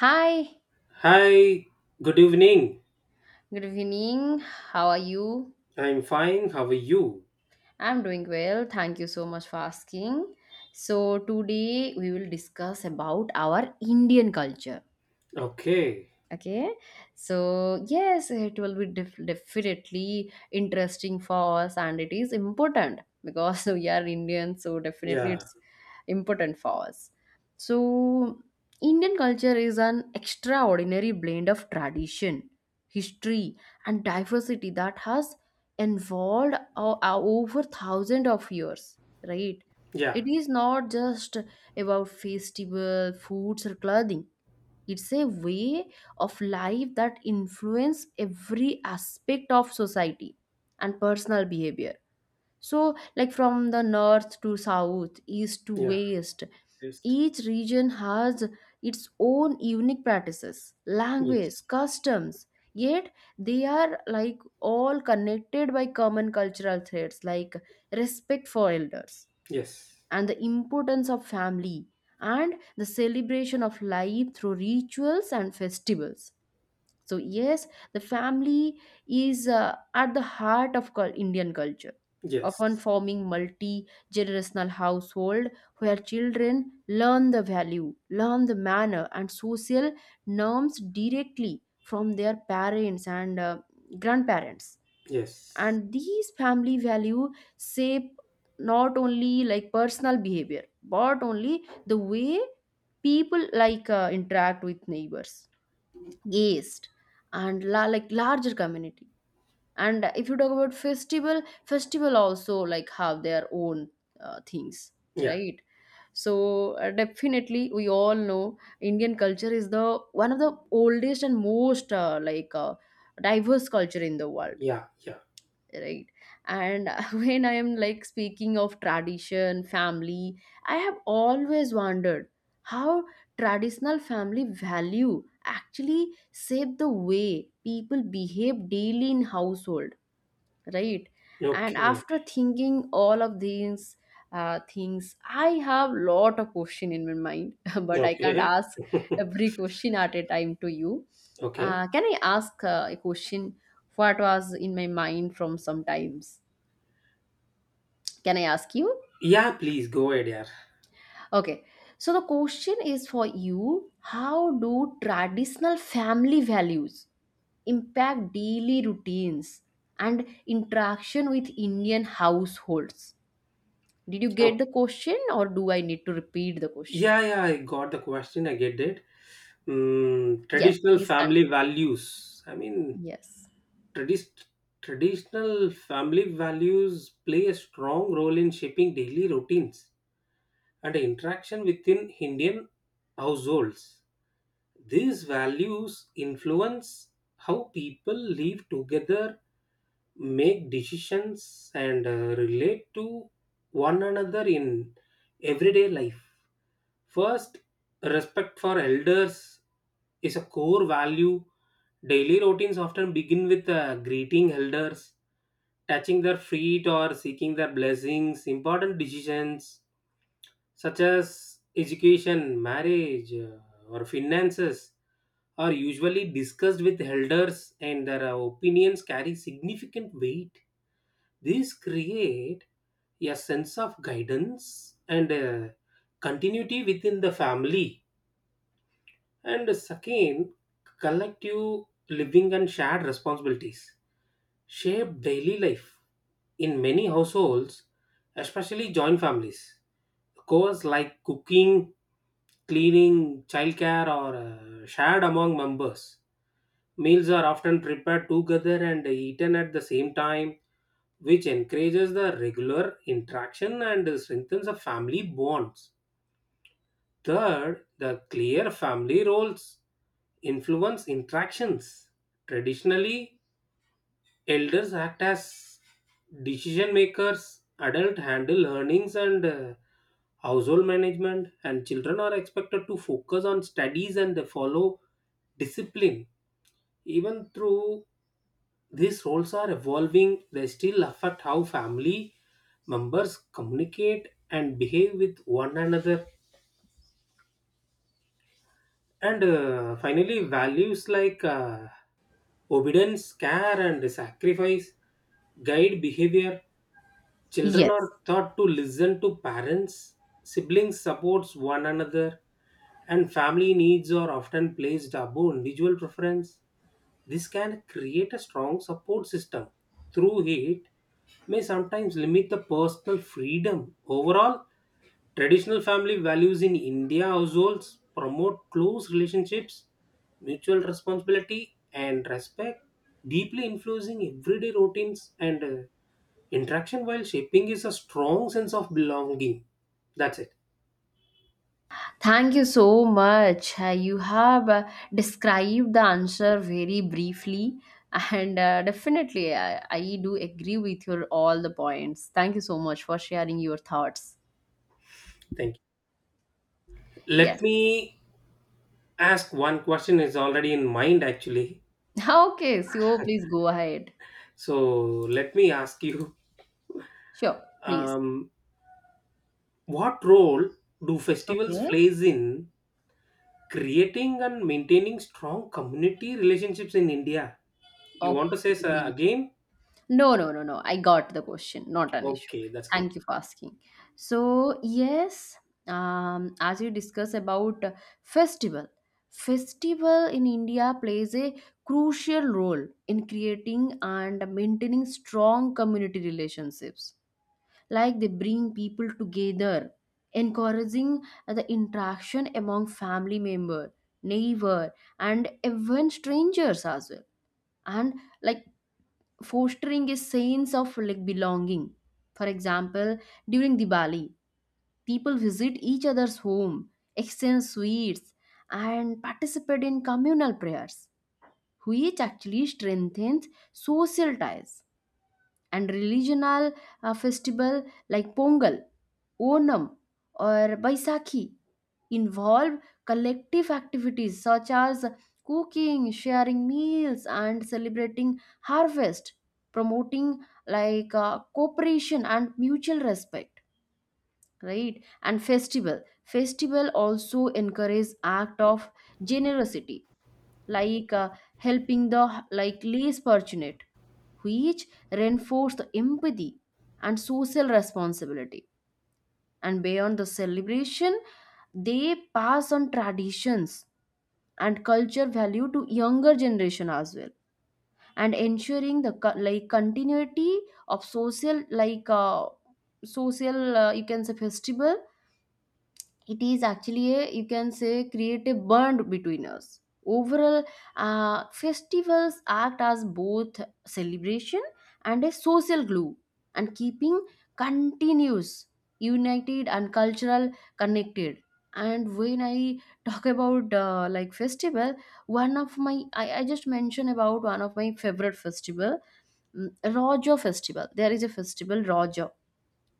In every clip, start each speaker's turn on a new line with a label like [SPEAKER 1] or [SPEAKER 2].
[SPEAKER 1] Hi,
[SPEAKER 2] Hi, good evening.
[SPEAKER 1] good evening. How are you?
[SPEAKER 2] I'm fine. How are you?
[SPEAKER 1] I'm doing well. Thank you so much for asking. So, today we will discuss about our Indian culture.
[SPEAKER 2] Okay.
[SPEAKER 1] Okay, so yes, it will be definitely interesting for us, and it is important because we are Indian, so definitely
[SPEAKER 2] Yeah.
[SPEAKER 1] it's important for us. So Indian culture is an extraordinary blend of tradition, history, and diversity that has evolved over thousands of years, right?
[SPEAKER 2] Yeah.
[SPEAKER 1] It is not just about festival foods or clothing. It's a way of life that influence every aspect of society and personal behavior. So, like, from the north to south, east to
[SPEAKER 2] Yeah.
[SPEAKER 1] west,
[SPEAKER 2] Just
[SPEAKER 1] each region has its own unique practices, language,
[SPEAKER 2] yes.
[SPEAKER 1] customs, yet they are, like, all connected by common cultural threads like respect for elders
[SPEAKER 2] Yes.
[SPEAKER 1] and the importance of family and the celebration of life through rituals and festivals. So, yes, the family is at the heart of Indian culture, often
[SPEAKER 2] Yes.
[SPEAKER 1] forming multi generational household where children learn the value, learn the manner, and social norms directly from their parents and grandparents.
[SPEAKER 2] Yes.
[SPEAKER 1] And these family value shape not only like personal behavior but only the way people, like, interact with neighbors, guest, and like larger community. And if you talk about festival also, like, have their own things,
[SPEAKER 2] Yeah.
[SPEAKER 1] right? So definitely, we all know Indian culture is the one of the oldest and most diverse culture in the world,
[SPEAKER 2] Yeah. Yeah.
[SPEAKER 1] right? And when I am, like, speaking of tradition, family, I have always wondered how traditional family value actually shape the way people behave daily in household, right? And
[SPEAKER 2] Okay.
[SPEAKER 1] after thinking all of these things, I have lot of question in my mind, but I can't
[SPEAKER 2] Okay.
[SPEAKER 1] ask every question at a time to you.
[SPEAKER 2] Okay.
[SPEAKER 1] Can I ask a question what was in my mind from sometimes? Can I ask you?
[SPEAKER 2] Yeah, please go ahead, yeah.
[SPEAKER 1] Okay, so the question is for you, how do traditional family values impact daily routines and interaction with Indian households? Did you get
[SPEAKER 2] Oh,
[SPEAKER 1] the question or do I need to repeat the question?
[SPEAKER 2] yeah, yeah, I got the question. I get it. Mm,
[SPEAKER 1] Yes,
[SPEAKER 2] traditional
[SPEAKER 1] please
[SPEAKER 2] family
[SPEAKER 1] continue.
[SPEAKER 2] values. I mean,
[SPEAKER 1] Yes.
[SPEAKER 2] tradis traditional family values play a strong role in shaping daily routines and interaction within Indian households. These values influence how people live together, make decisions, and relate to one another in everyday life. First, respect for elders is a core value. Daily routines often begin with greeting elders, touching their feet, or seeking their blessings. Important decisions such as education, marriage, or finances, are usually discussed with elders, and their opinions carry significant weight. These create a sense of guidance and continuity within the family. And uh, second, collective living and shared responsibilities shape daily life in many households, especially joint families. Chores like cooking, cleaning, childcare, or shared among members. Meals are often prepared together and eaten at the same time, which encourages the regular interaction and strengthens the family bonds. Third, the clear family roles influence interactions. Traditionally, elders act as decision makers, adults handle earnings and household management, and children are expected to focus on studies and follow discipline. Even through these roles are evolving, they still affect how family members communicate and behave with one another. And finally, values like obedience, care, and sacrifice guide behavior. Children
[SPEAKER 1] Yes.
[SPEAKER 2] are taught to listen to parents, siblings supports one another, and family needs are often placed above individual preference. This can create a strong support system. Through it, may sometimes limit the personal freedom. Overall, traditional family values in India households promote close relationships, mutual responsibility, and respect, deeply influencing everyday routines and interaction while shaping is a strong sense of belonging. That's it.
[SPEAKER 1] Thank you so much. You have described the answer very briefly, and definitely, I do agree with your all the points. Thank you so much for sharing your thoughts.
[SPEAKER 2] Thank you.
[SPEAKER 1] Yes.
[SPEAKER 2] Let me ask one question is already in mind actually.
[SPEAKER 1] Okay, so please go ahead.
[SPEAKER 2] So let me ask you
[SPEAKER 1] Sure, please.
[SPEAKER 2] um, what role do festivals
[SPEAKER 1] Okay.
[SPEAKER 2] plays in creating and maintaining strong community relationships in India? You want to say
[SPEAKER 1] Okay.
[SPEAKER 2] a game?
[SPEAKER 1] No, no, no, no. I got the question. Not an issue.
[SPEAKER 2] Okay, that's great.
[SPEAKER 1] Thank you for asking. So, yes, as you discuss about festival, festival in India plays a crucial role in creating and maintaining strong community relationships. Like, they bring people together, encouraging the interaction among family member, neighbor, and even strangers as well. And like fostering a sense of, like, belonging. For example, during Diwali, people visit each other's home, exchange sweets, and participate in communal prayers, which actually strengthens social ties. And religional festival like Pongal, Onam, or Baisakhi involve collective activities such as cooking, sharing meals, and celebrating harvest, promoting, like, cooperation and mutual respect, right? And festival. Festival also encourage act of generosity, like helping the, like, less fortunate, which reinforce the empathy and social responsibility, and beyond the celebration they pass on traditions and culture value to younger generation as well, and ensuring the like continuity of social, like, social, you can say festival, it is actually a, you can say, create a bond between us. Overall, festivals act as both celebration and a social glue, and keeping continuous united and cultural connected. And when I talk about like festival, one of my, I just mentioned about one of my favorite festival, raja festival, there is a festival raja,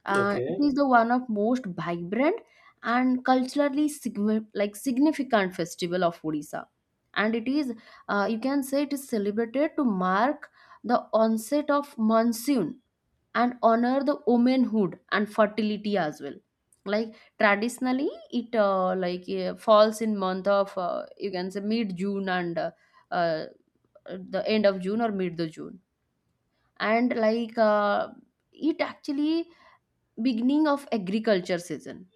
[SPEAKER 1] it
[SPEAKER 2] Okay.
[SPEAKER 1] is the one of most vibrant and culturally like significant festival of Odisha, and it is you can say it is celebrated to mark the onset of monsoon and honor the womanhood and fertility as well. Like, traditionally, it falls in month of you can say mid June, and uh, the end of June or mid the June, and, like, it actually beginning of agriculture season,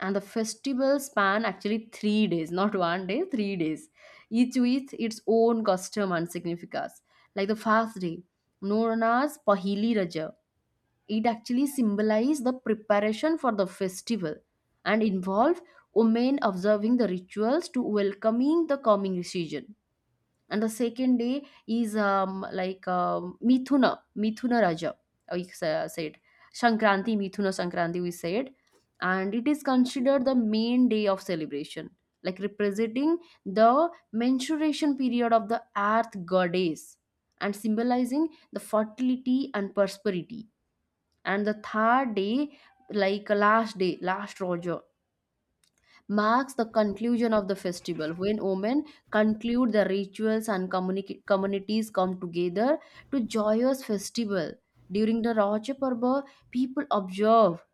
[SPEAKER 1] and the festival span actually 3 days, not one day, 3 days, each with its own custom and significance, like the fast day known as pahili raja. It actually symbolizes the preparation for the festival and involve women observing the rituals to welcoming the coming season. And the second day is, like, Mithuna, Mithuna Raja. We said Sankranti, Mithuna Sankranti, we said, and it is considered the main day of celebration, like representing the menstruation period of the earth goddess and symbolizing the fertility and prosperity. And the third day, like last day, last Raja marks the conclusion of the festival when women conclude the rituals and communities come together to joyous festival during the raja parva. People observe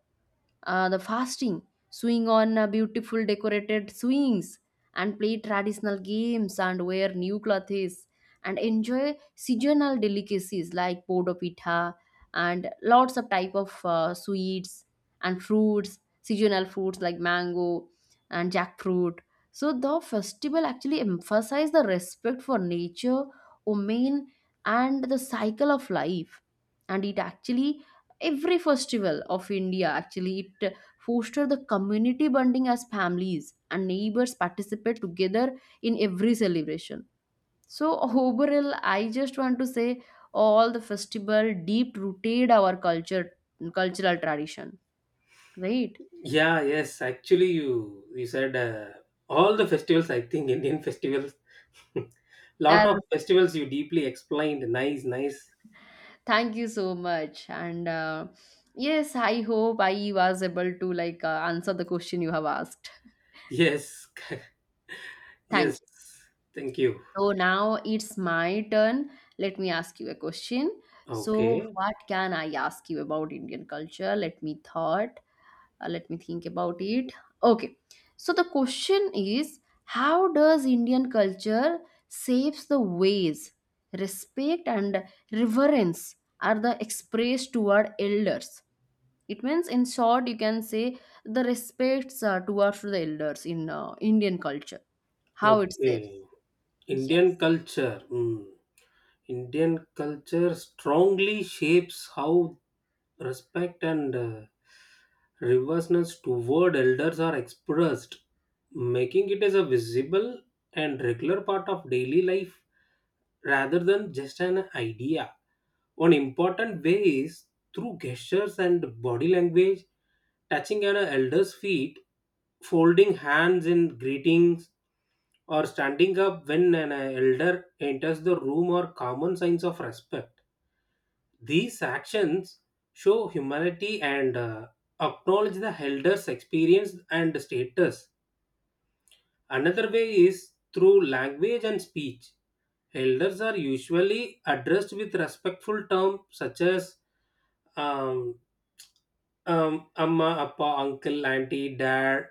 [SPEAKER 1] the fasting, swing on beautiful decorated swings, and play traditional games and wear new clothes and enjoy seasonal delicacies like podo pitha and lots of type of sweets and fruits, seasonal fruits like mango and jackfruit. So the festival actually emphasize the respect for nature, women, and the cycle of life, and it actually every festival of India actually it foster the community bonding as families and neighbors participate together in every celebration. So overall I just want to say all the festival deep rooted our culture, cultural tradition, right?
[SPEAKER 2] Yeah, yes. Actually, you said all the festivals. I think Indian festivals. Lot
[SPEAKER 1] And
[SPEAKER 2] of festivals you deeply explained. Nice, nice.
[SPEAKER 1] thank you so much, and yes, I hope I was able to, like, answer the question you have asked.
[SPEAKER 2] Yes,
[SPEAKER 1] Thank
[SPEAKER 2] yes.
[SPEAKER 1] you.
[SPEAKER 2] Thank you.
[SPEAKER 1] So now it's my turn. Let me ask you a question. So
[SPEAKER 2] Okay,
[SPEAKER 1] what can I ask you about Indian culture? Let me thought. Let me think about it. Okay. So the question is, how does Indian culture shapes the ways respect and reverence are the expressed toward elders? It means, in short, you can say the respects towards the elders in Indian culture. How it shapes?
[SPEAKER 2] okay. Indian
[SPEAKER 1] Yes.
[SPEAKER 2] culture. Hmm. Indian culture strongly shapes how respect and reverseness toward elders are expressed, making it as a visible and regular part of daily life rather than just an idea. One important way is through gestures and body language, touching an elder's feet, folding hands in greetings, or standing up when an elder enters the room are common signs of respect. These actions show humility and acknowledge the elders' experience and status. Another way is through language and speech. Elders are usually addressed with respectful terms such as um, amma, appa, uncle, auntie, dad,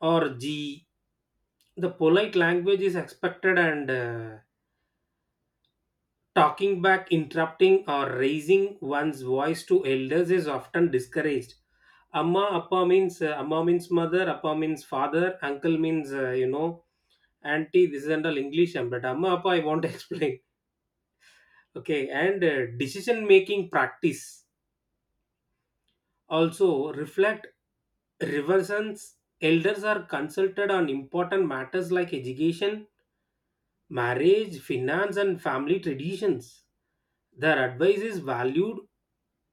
[SPEAKER 2] or G. The polite language is expected, and talking back, interrupting, or raising one's voice to elders is often discouraged. Amma appa means amma means mother, appa means father, uncle means auntie, this is under English, but amma appa I want to explain. Okay, and decision making practice also reflect reverence. Elders are consulted on important matters like education, marriage, finance, and family traditions. Their advice is valued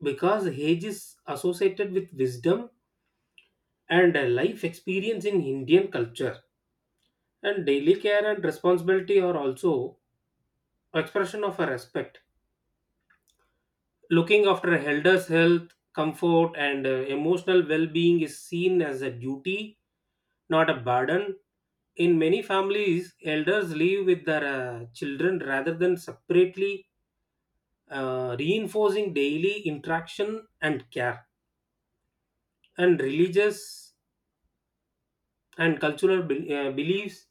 [SPEAKER 2] because age is associated with wisdom and life experience in Indian culture. And daily care and responsibility are also expression of a respect. Looking after a elders' health, comfort, and emotional well-being is seen as a duty, not a burden. In many families, elders live with their children rather than separately, reinforcing daily interaction and care. And religious and cultural beliefs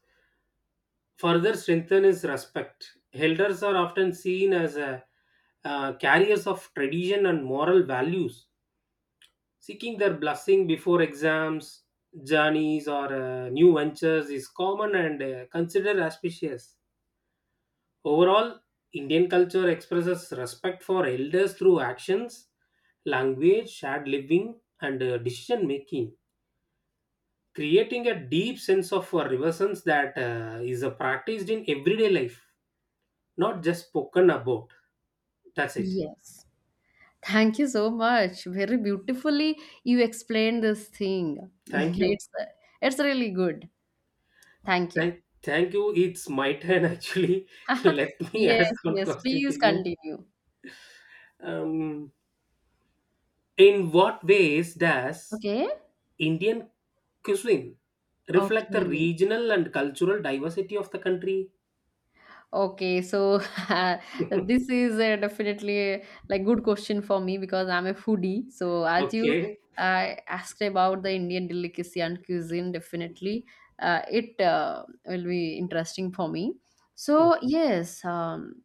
[SPEAKER 2] further strengthen is respect. Elders are often seen as a, carriers of tradition and moral values. Seeking their blessing before exams, journeys, or new ventures is common and considered auspicious. Overall, Indian culture expresses respect for elders through actions, language, shared living, and decision making, creating a deep sense of reverence that is practiced in everyday life, not just spoken about. That's it.
[SPEAKER 1] Yes. Thank you so much. Very beautifully you explained this thing.
[SPEAKER 2] Thank you.
[SPEAKER 1] It's it's really good. Thank you.
[SPEAKER 2] Thank you. It's my turn actually. Let me ask
[SPEAKER 1] Yes,
[SPEAKER 2] one
[SPEAKER 1] yes.
[SPEAKER 2] question to
[SPEAKER 1] Please
[SPEAKER 2] you.
[SPEAKER 1] continue.
[SPEAKER 2] Um, in what ways does
[SPEAKER 1] Okay.
[SPEAKER 2] Indian cuisine reflect the
[SPEAKER 1] Okay.
[SPEAKER 2] regional and cultural diversity of the country?
[SPEAKER 1] Okay. So, this is definitely a, like, good question for me because I'm a foodie. So as you
[SPEAKER 2] Okay.
[SPEAKER 1] asked about the Indian delicacy and cuisine, definitely it will be interesting for me.
[SPEAKER 2] No.
[SPEAKER 1] So yes.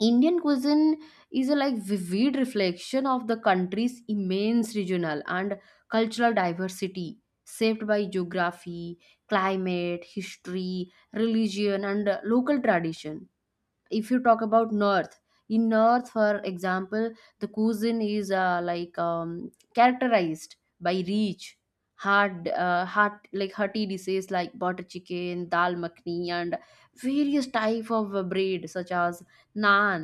[SPEAKER 1] Indian cuisine is a like vivid reflection of the country's immense regional and cultural diversity, shaped by geography, climate, history, religion, and local tradition. If you talk about north, in north, for example, the cuisine is characterized by rich, hard, hot, like, hearty dishes like butter chicken, dal makhni, and various type of bread such as naan,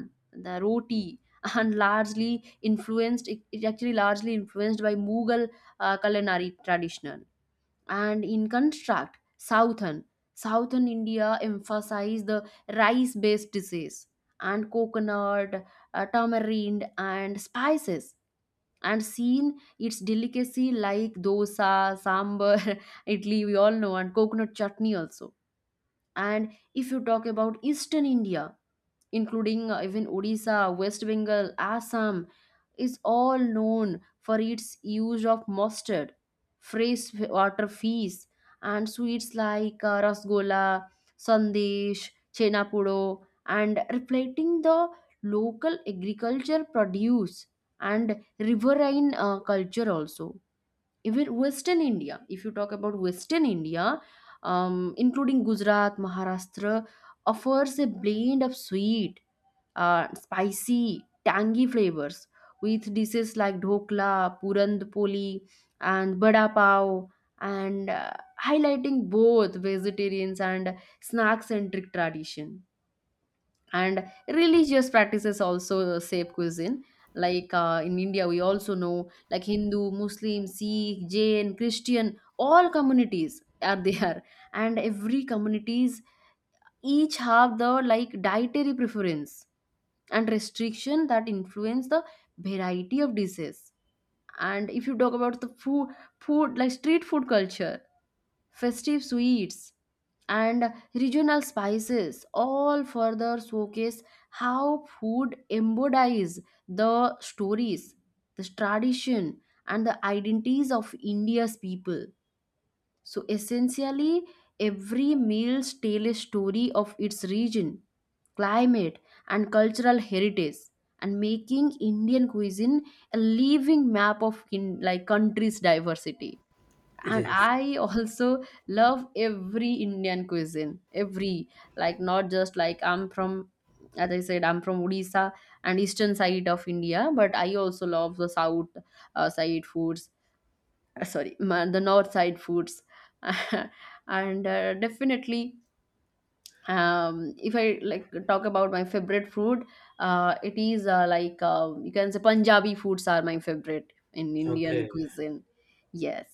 [SPEAKER 1] the roti, and largely influenced, it actually largely influenced by Mughal culinary tradition. And in contrast, southern southern India emphasize the rice based dishes and coconut, tamarind, and spices, and seen its delicacy like dosa, sambar, idli, we all know, and coconut chutney also. And if you talk about eastern India, including even Odisha, West Bengal, Assam, is all known for its use of mustard, fresh water fish, and sweets like rasgola, sandesh, chenapudo, and reflecting the local agriculture produce and riverine culture also. Even Western India, if you talk about Western India, including Gujarat, Maharashtra, offers a blend of sweet, spicy, tangy flavors with dishes like dhokla, puran poli, and bada pav, and highlighting both vegetarians and snack-centric tradition. And religious practices also shape cuisine. Like, in India, we also know, like, Hindu, Muslim, Sikh, Jain, Christian, all communities are there, and every communities each have the like dietary preference and restriction that influence the variety of dishes. And if you talk about the food, food like street food culture, festive sweets, and regional spices all further showcase how food embodies the stories, the tradition, and the identities of India's people. So essentially, every meal's tells a story of its region, climate, and cultural heritage, and making Indian cuisine a living map of in, like, country's diversity. And
[SPEAKER 2] Yes.
[SPEAKER 1] I also love every Indian cuisine, every, like, not just like I'm from, as I said, I'm from Odisha and eastern side of India, but I also love the south side foods, sorry, the north side foods, and definitely if I, like, talk about my favorite food, it is you can say Punjabi foods are my favorite in Indian
[SPEAKER 2] Okay.
[SPEAKER 1] cuisine. Yes.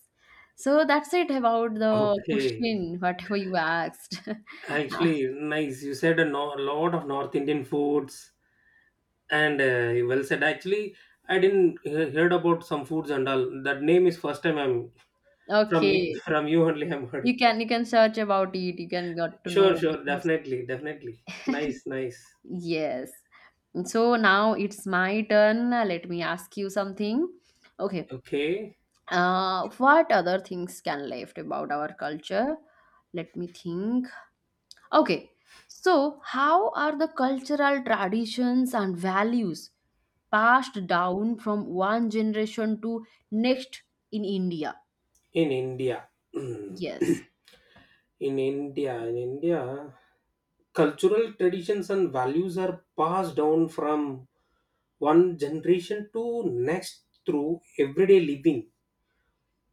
[SPEAKER 1] So that's it about the
[SPEAKER 2] Okay.
[SPEAKER 1] question, whatever you asked.
[SPEAKER 2] Actually, nice. You said a lot of North Indian foods, and well said. Actually, I didn't heard about some foods and all. That name is first time I'm from you,
[SPEAKER 1] Okay,
[SPEAKER 2] from you only I'm
[SPEAKER 1] you
[SPEAKER 2] heard.
[SPEAKER 1] can search about it, you can got to
[SPEAKER 2] Sure,
[SPEAKER 1] know,
[SPEAKER 2] sure,
[SPEAKER 1] because
[SPEAKER 2] definitely, definitely. Nice, nice.
[SPEAKER 1] yes. So now it's my turn. Let me ask you something. Okay.
[SPEAKER 2] Okay,
[SPEAKER 1] What other things can left about our culture? Let me think. Okay, so how are the cultural traditions and values passed down from one generation to next in India?
[SPEAKER 2] in India, hmm,
[SPEAKER 1] Yes.
[SPEAKER 2] in India, cultural traditions and values are passed down from one generation to next through everyday living,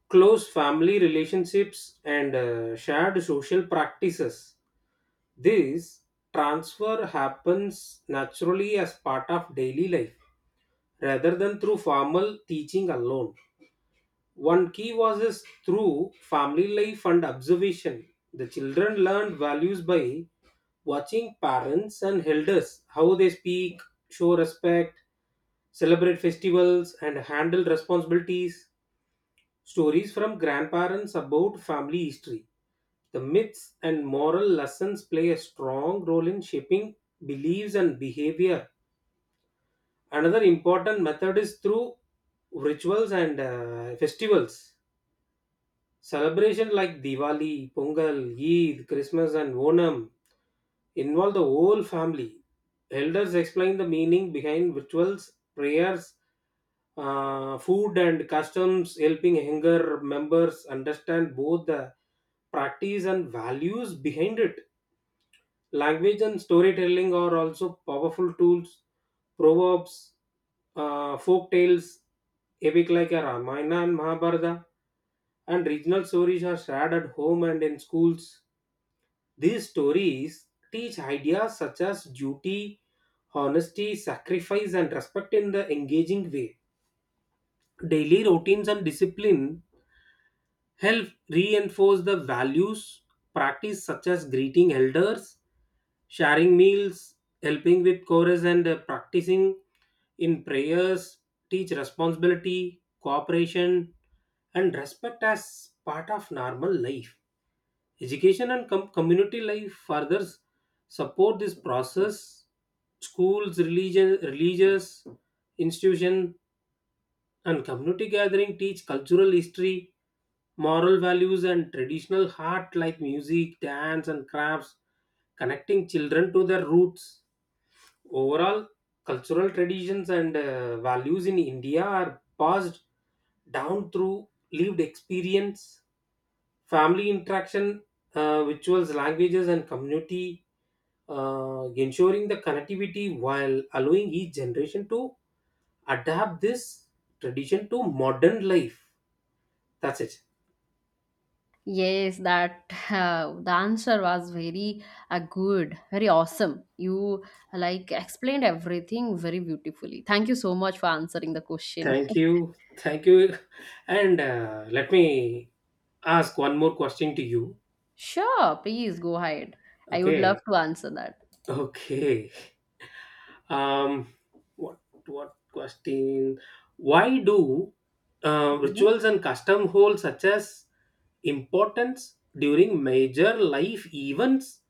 [SPEAKER 2] close family relationships, and shared social practices. This transfer happens naturally as part of daily life, rather than through formal teaching alone. One key was is through family life and observation. The children learned values by watching parents and elders, how they speak, show respect, celebrate festivals, and handle responsibilities. Stories from grandparents about family history, the myths and moral lessons play a strong role in shaping beliefs and behavior. Another important method is through rituals and festivals. Celebration like Diwali, Pongal, Eid, Christmas, and Onam involve the whole family. Elders explain the meaning behind rituals, prayers, food, and customs, helping younger members understand both the practice and values behind it. Language and storytelling are also powerful tools. Proverbs, folk tales, epic like a Ramayana and Mahabharata, and regional stories are shared at home and in schools. These stories teach ideas such as duty, honesty, sacrifice, and respect in the engaging way. Daily routines and discipline help reinforce the values practice, such as greeting elders, sharing meals, helping with chorus, and practicing in prayers, teach responsibility, cooperation, and respect as part of normal life. Education and community life further support this process. Schools, religion religious institution, and community gathering teach cultural history, moral values, and traditional art like music, dance, and crafts, connecting children to their roots. Overall, cultural traditions and values in India are passed down through lived experience, family interaction, rituals, languages, and community, ensuring the connectivity while allowing each generation to adapt this tradition to modern life. That's it.
[SPEAKER 1] Yes, that the answer was very good, very awesome. You like explained everything very beautifully. Thank you so much for answering the question.
[SPEAKER 2] Thank you. Thank you. And let me ask one more question to you.
[SPEAKER 1] Sure, please go ahead. I would love
[SPEAKER 2] Okay.
[SPEAKER 1] to answer that.
[SPEAKER 2] Okay. Um, what what question? Why do
[SPEAKER 1] Okay.
[SPEAKER 2] rituals and custom hold such as importance during major life events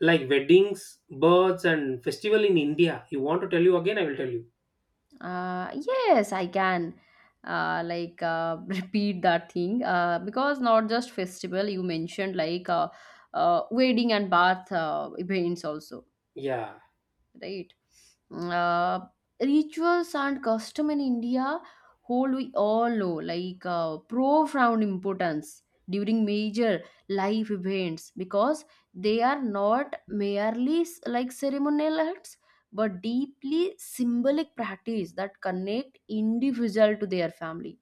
[SPEAKER 2] like weddings, births and festival in India? You want to tell you again, I will tell you.
[SPEAKER 1] Yes, I can like repeat that thing because not just festival, you mentioned like wedding and bath events also,
[SPEAKER 2] Yeah.
[SPEAKER 1] right? Uh, Rituals and custom in India hold, we all know, like profound importance during major life events because they are not merely like ceremonial acts but deeply symbolic practice that connect individual to their family,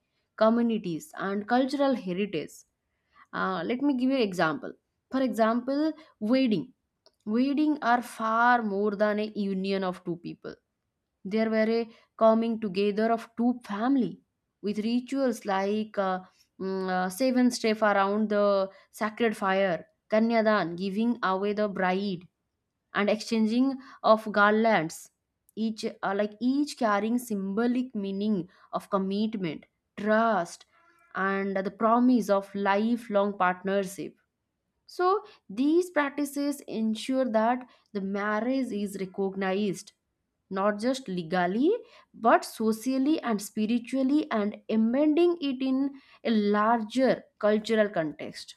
[SPEAKER 1] communities and cultural heritage. Let me give you example. For example, wedding. Wedding are far more than a union of two people. There were a coming together of two family, with rituals like seven step around the sacred fire, kanyadan, giving away the bride, and exchanging of garlands. Each carrying symbolic meaning of commitment, trust, and the promise of lifelong partnership. So, these practices ensure that the marriage is recognized not just legally but socially and spiritually, and embedding it in a larger cultural context.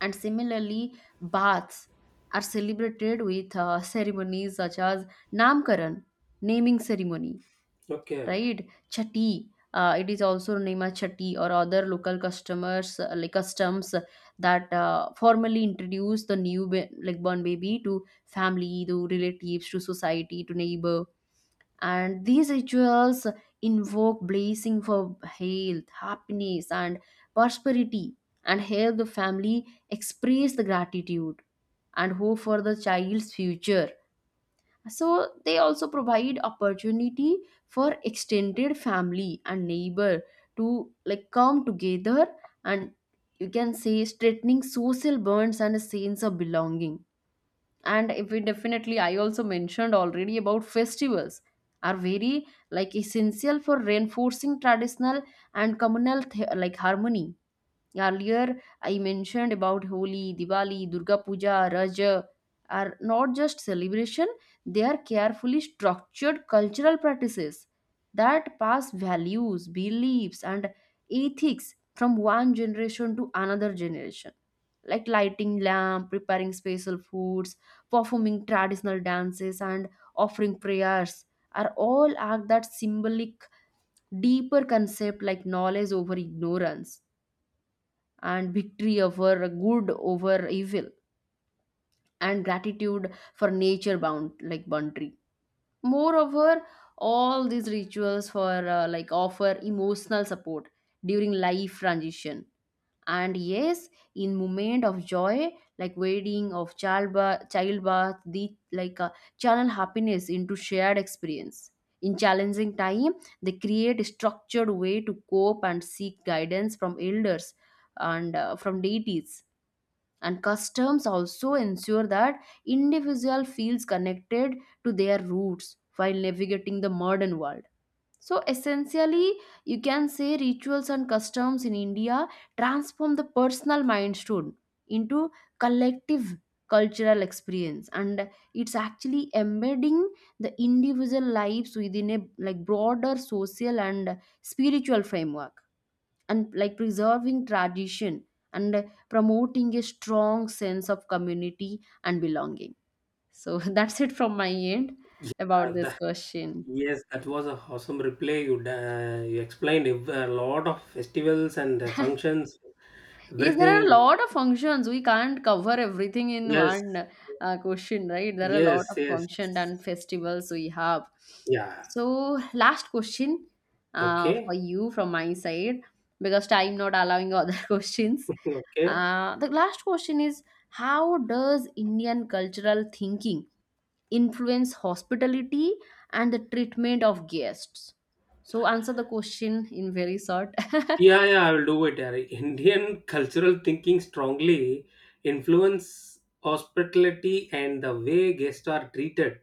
[SPEAKER 1] And similarly, baths are celebrated with ceremonies such as Namkaran, naming ceremony,
[SPEAKER 2] Okay.
[SPEAKER 1] right? Chatti, it is also named as chatti or other local customers, customs that formally introduce the like born baby to family, to relatives, to society, to neighbor. And these rituals invoke blessing for health, happiness, and prosperity, and help the family express the gratitude and hope for the child's future. So they also provide opportunity for extended family and neighbor to like come together and, you can say, strengthening social bonds and a sense of belonging. And if we definitely, I also mentioned already about festivals, are very like essential for reinforcing traditional and communal like harmony. Earlier, I mentioned about Holi, Diwali, Durga Puja, Raja are not just celebration, they are carefully structured cultural practices that pass values, beliefs, and ethics from one generation to another generation. Like lighting lamp, preparing special foods, performing traditional dances, and offering prayers are all act that symbolic deeper concept like knowledge over ignorance and victory over good over evil and gratitude for nature bound like boundary. Moreover, all these rituals for like offer emotional support during life transition. And yes, in moment of joy like wedding of childbirth, the like channel happiness into shared experience. In challenging time they create a structured way to cope and seek guidance from elders and from deities. And customs also ensure that individual feels connected to their roots while navigating the modern world. So essentially, you can say rituals and customs in India transform the personal milestone into collective cultural experience, and it's actually embedding the individual lives within a like broader social and spiritual framework, and like preserving tradition and promoting a strong sense of community and belonging. So that's it from my end
[SPEAKER 2] Yeah,
[SPEAKER 1] about this
[SPEAKER 2] the,
[SPEAKER 1] question.
[SPEAKER 2] yes, that was a awesome replay. You you explained a lot of festivals and functions,
[SPEAKER 1] Yes, there are a
[SPEAKER 2] everything.
[SPEAKER 1] lot of functions. We can't cover everything in
[SPEAKER 2] Yes,
[SPEAKER 1] one question, right? There are a lot
[SPEAKER 2] yes,
[SPEAKER 1] of
[SPEAKER 2] yes.
[SPEAKER 1] functions and festivals we have.
[SPEAKER 2] Yeah.
[SPEAKER 1] So, last question for
[SPEAKER 2] Okay.
[SPEAKER 1] you from my side, because time not allowing other questions.
[SPEAKER 2] Okay.
[SPEAKER 1] The last question is, how does Indian cultural thinking influence hospitality and the treatment of guests? So, answer the question in very short.
[SPEAKER 2] Yeah, yeah. I will do it. Ari. Indian cultural thinking strongly influence hospitality and the way guests are treated,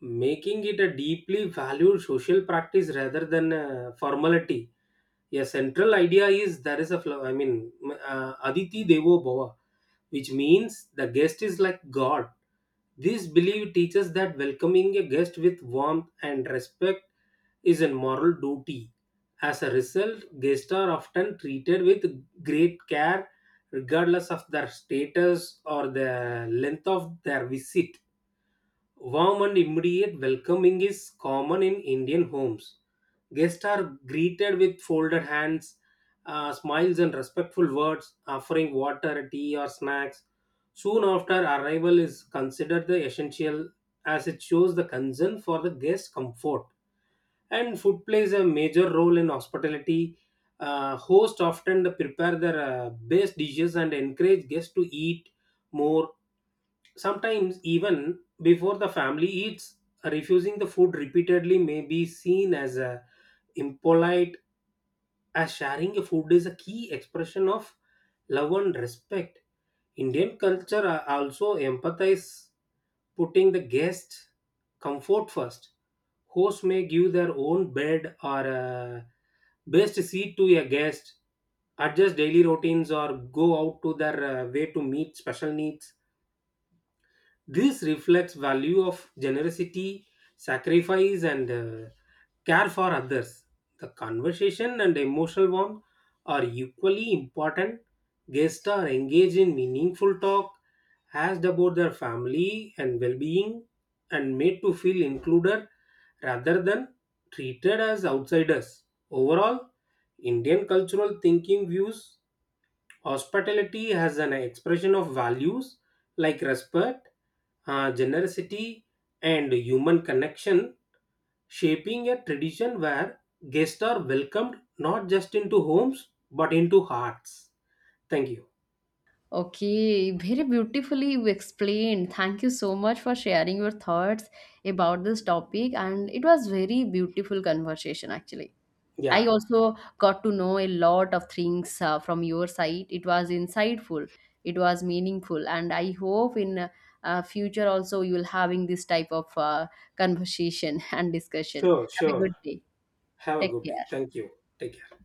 [SPEAKER 2] making it a deeply valued social practice rather than a formality. Yeah, central idea is there is a flower. I mean, Aditi Devo Bhava, which means the guest is like God. This belief teaches that welcoming a guest with warmth and respect is a moral duty. As a result, guests are often treated with great care, regardless of their status or the length of their visit. Warm and immediate welcoming is common in Indian homes. Guests are greeted with folded hands, smiles, and respectful words, offering water, tea, or snacks. Soon after arrival is considered the essential, as it shows the concern for the guest's comfort. And food plays a major role in hospitality. Hosts often prepare their best dishes and encourage guests to eat more. Sometimes, even before the family eats, refusing the food repeatedly may be seen as a impolite, as sharing a food is a key expression of love and respect. Indian culture also empathize putting the guest comfort first. Hosts may give their own bed or a best seat to a guest, adjust daily routines, or go out to their way to meet special needs. This reflects value of generosity, sacrifice, and care for others. The conversation and emotional warmth are equally important. Guests are engaged in meaningful talk, asked about their family and well-being, and made to feel included rather than treated as outsiders. Overall, Indian cultural thinking views hospitality as an expression of values like respect, generosity, and human connection, shaping a tradition where guests are welcomed not just into homes but into hearts. Thank you.
[SPEAKER 1] Okay, very beautifully you explained. Thank you so much for sharing your thoughts about this topic, and it was very beautiful conversation actually. I
[SPEAKER 2] Yeah,
[SPEAKER 1] also got to know a lot of things from your side. It was insightful, it was meaningful, and I hope in future also you will having this type of conversation and discussion.
[SPEAKER 2] sure,
[SPEAKER 1] Have a
[SPEAKER 2] sure.
[SPEAKER 1] good day.
[SPEAKER 2] Have a
[SPEAKER 1] Take
[SPEAKER 2] good day.
[SPEAKER 1] care.
[SPEAKER 2] Thank you. Take care.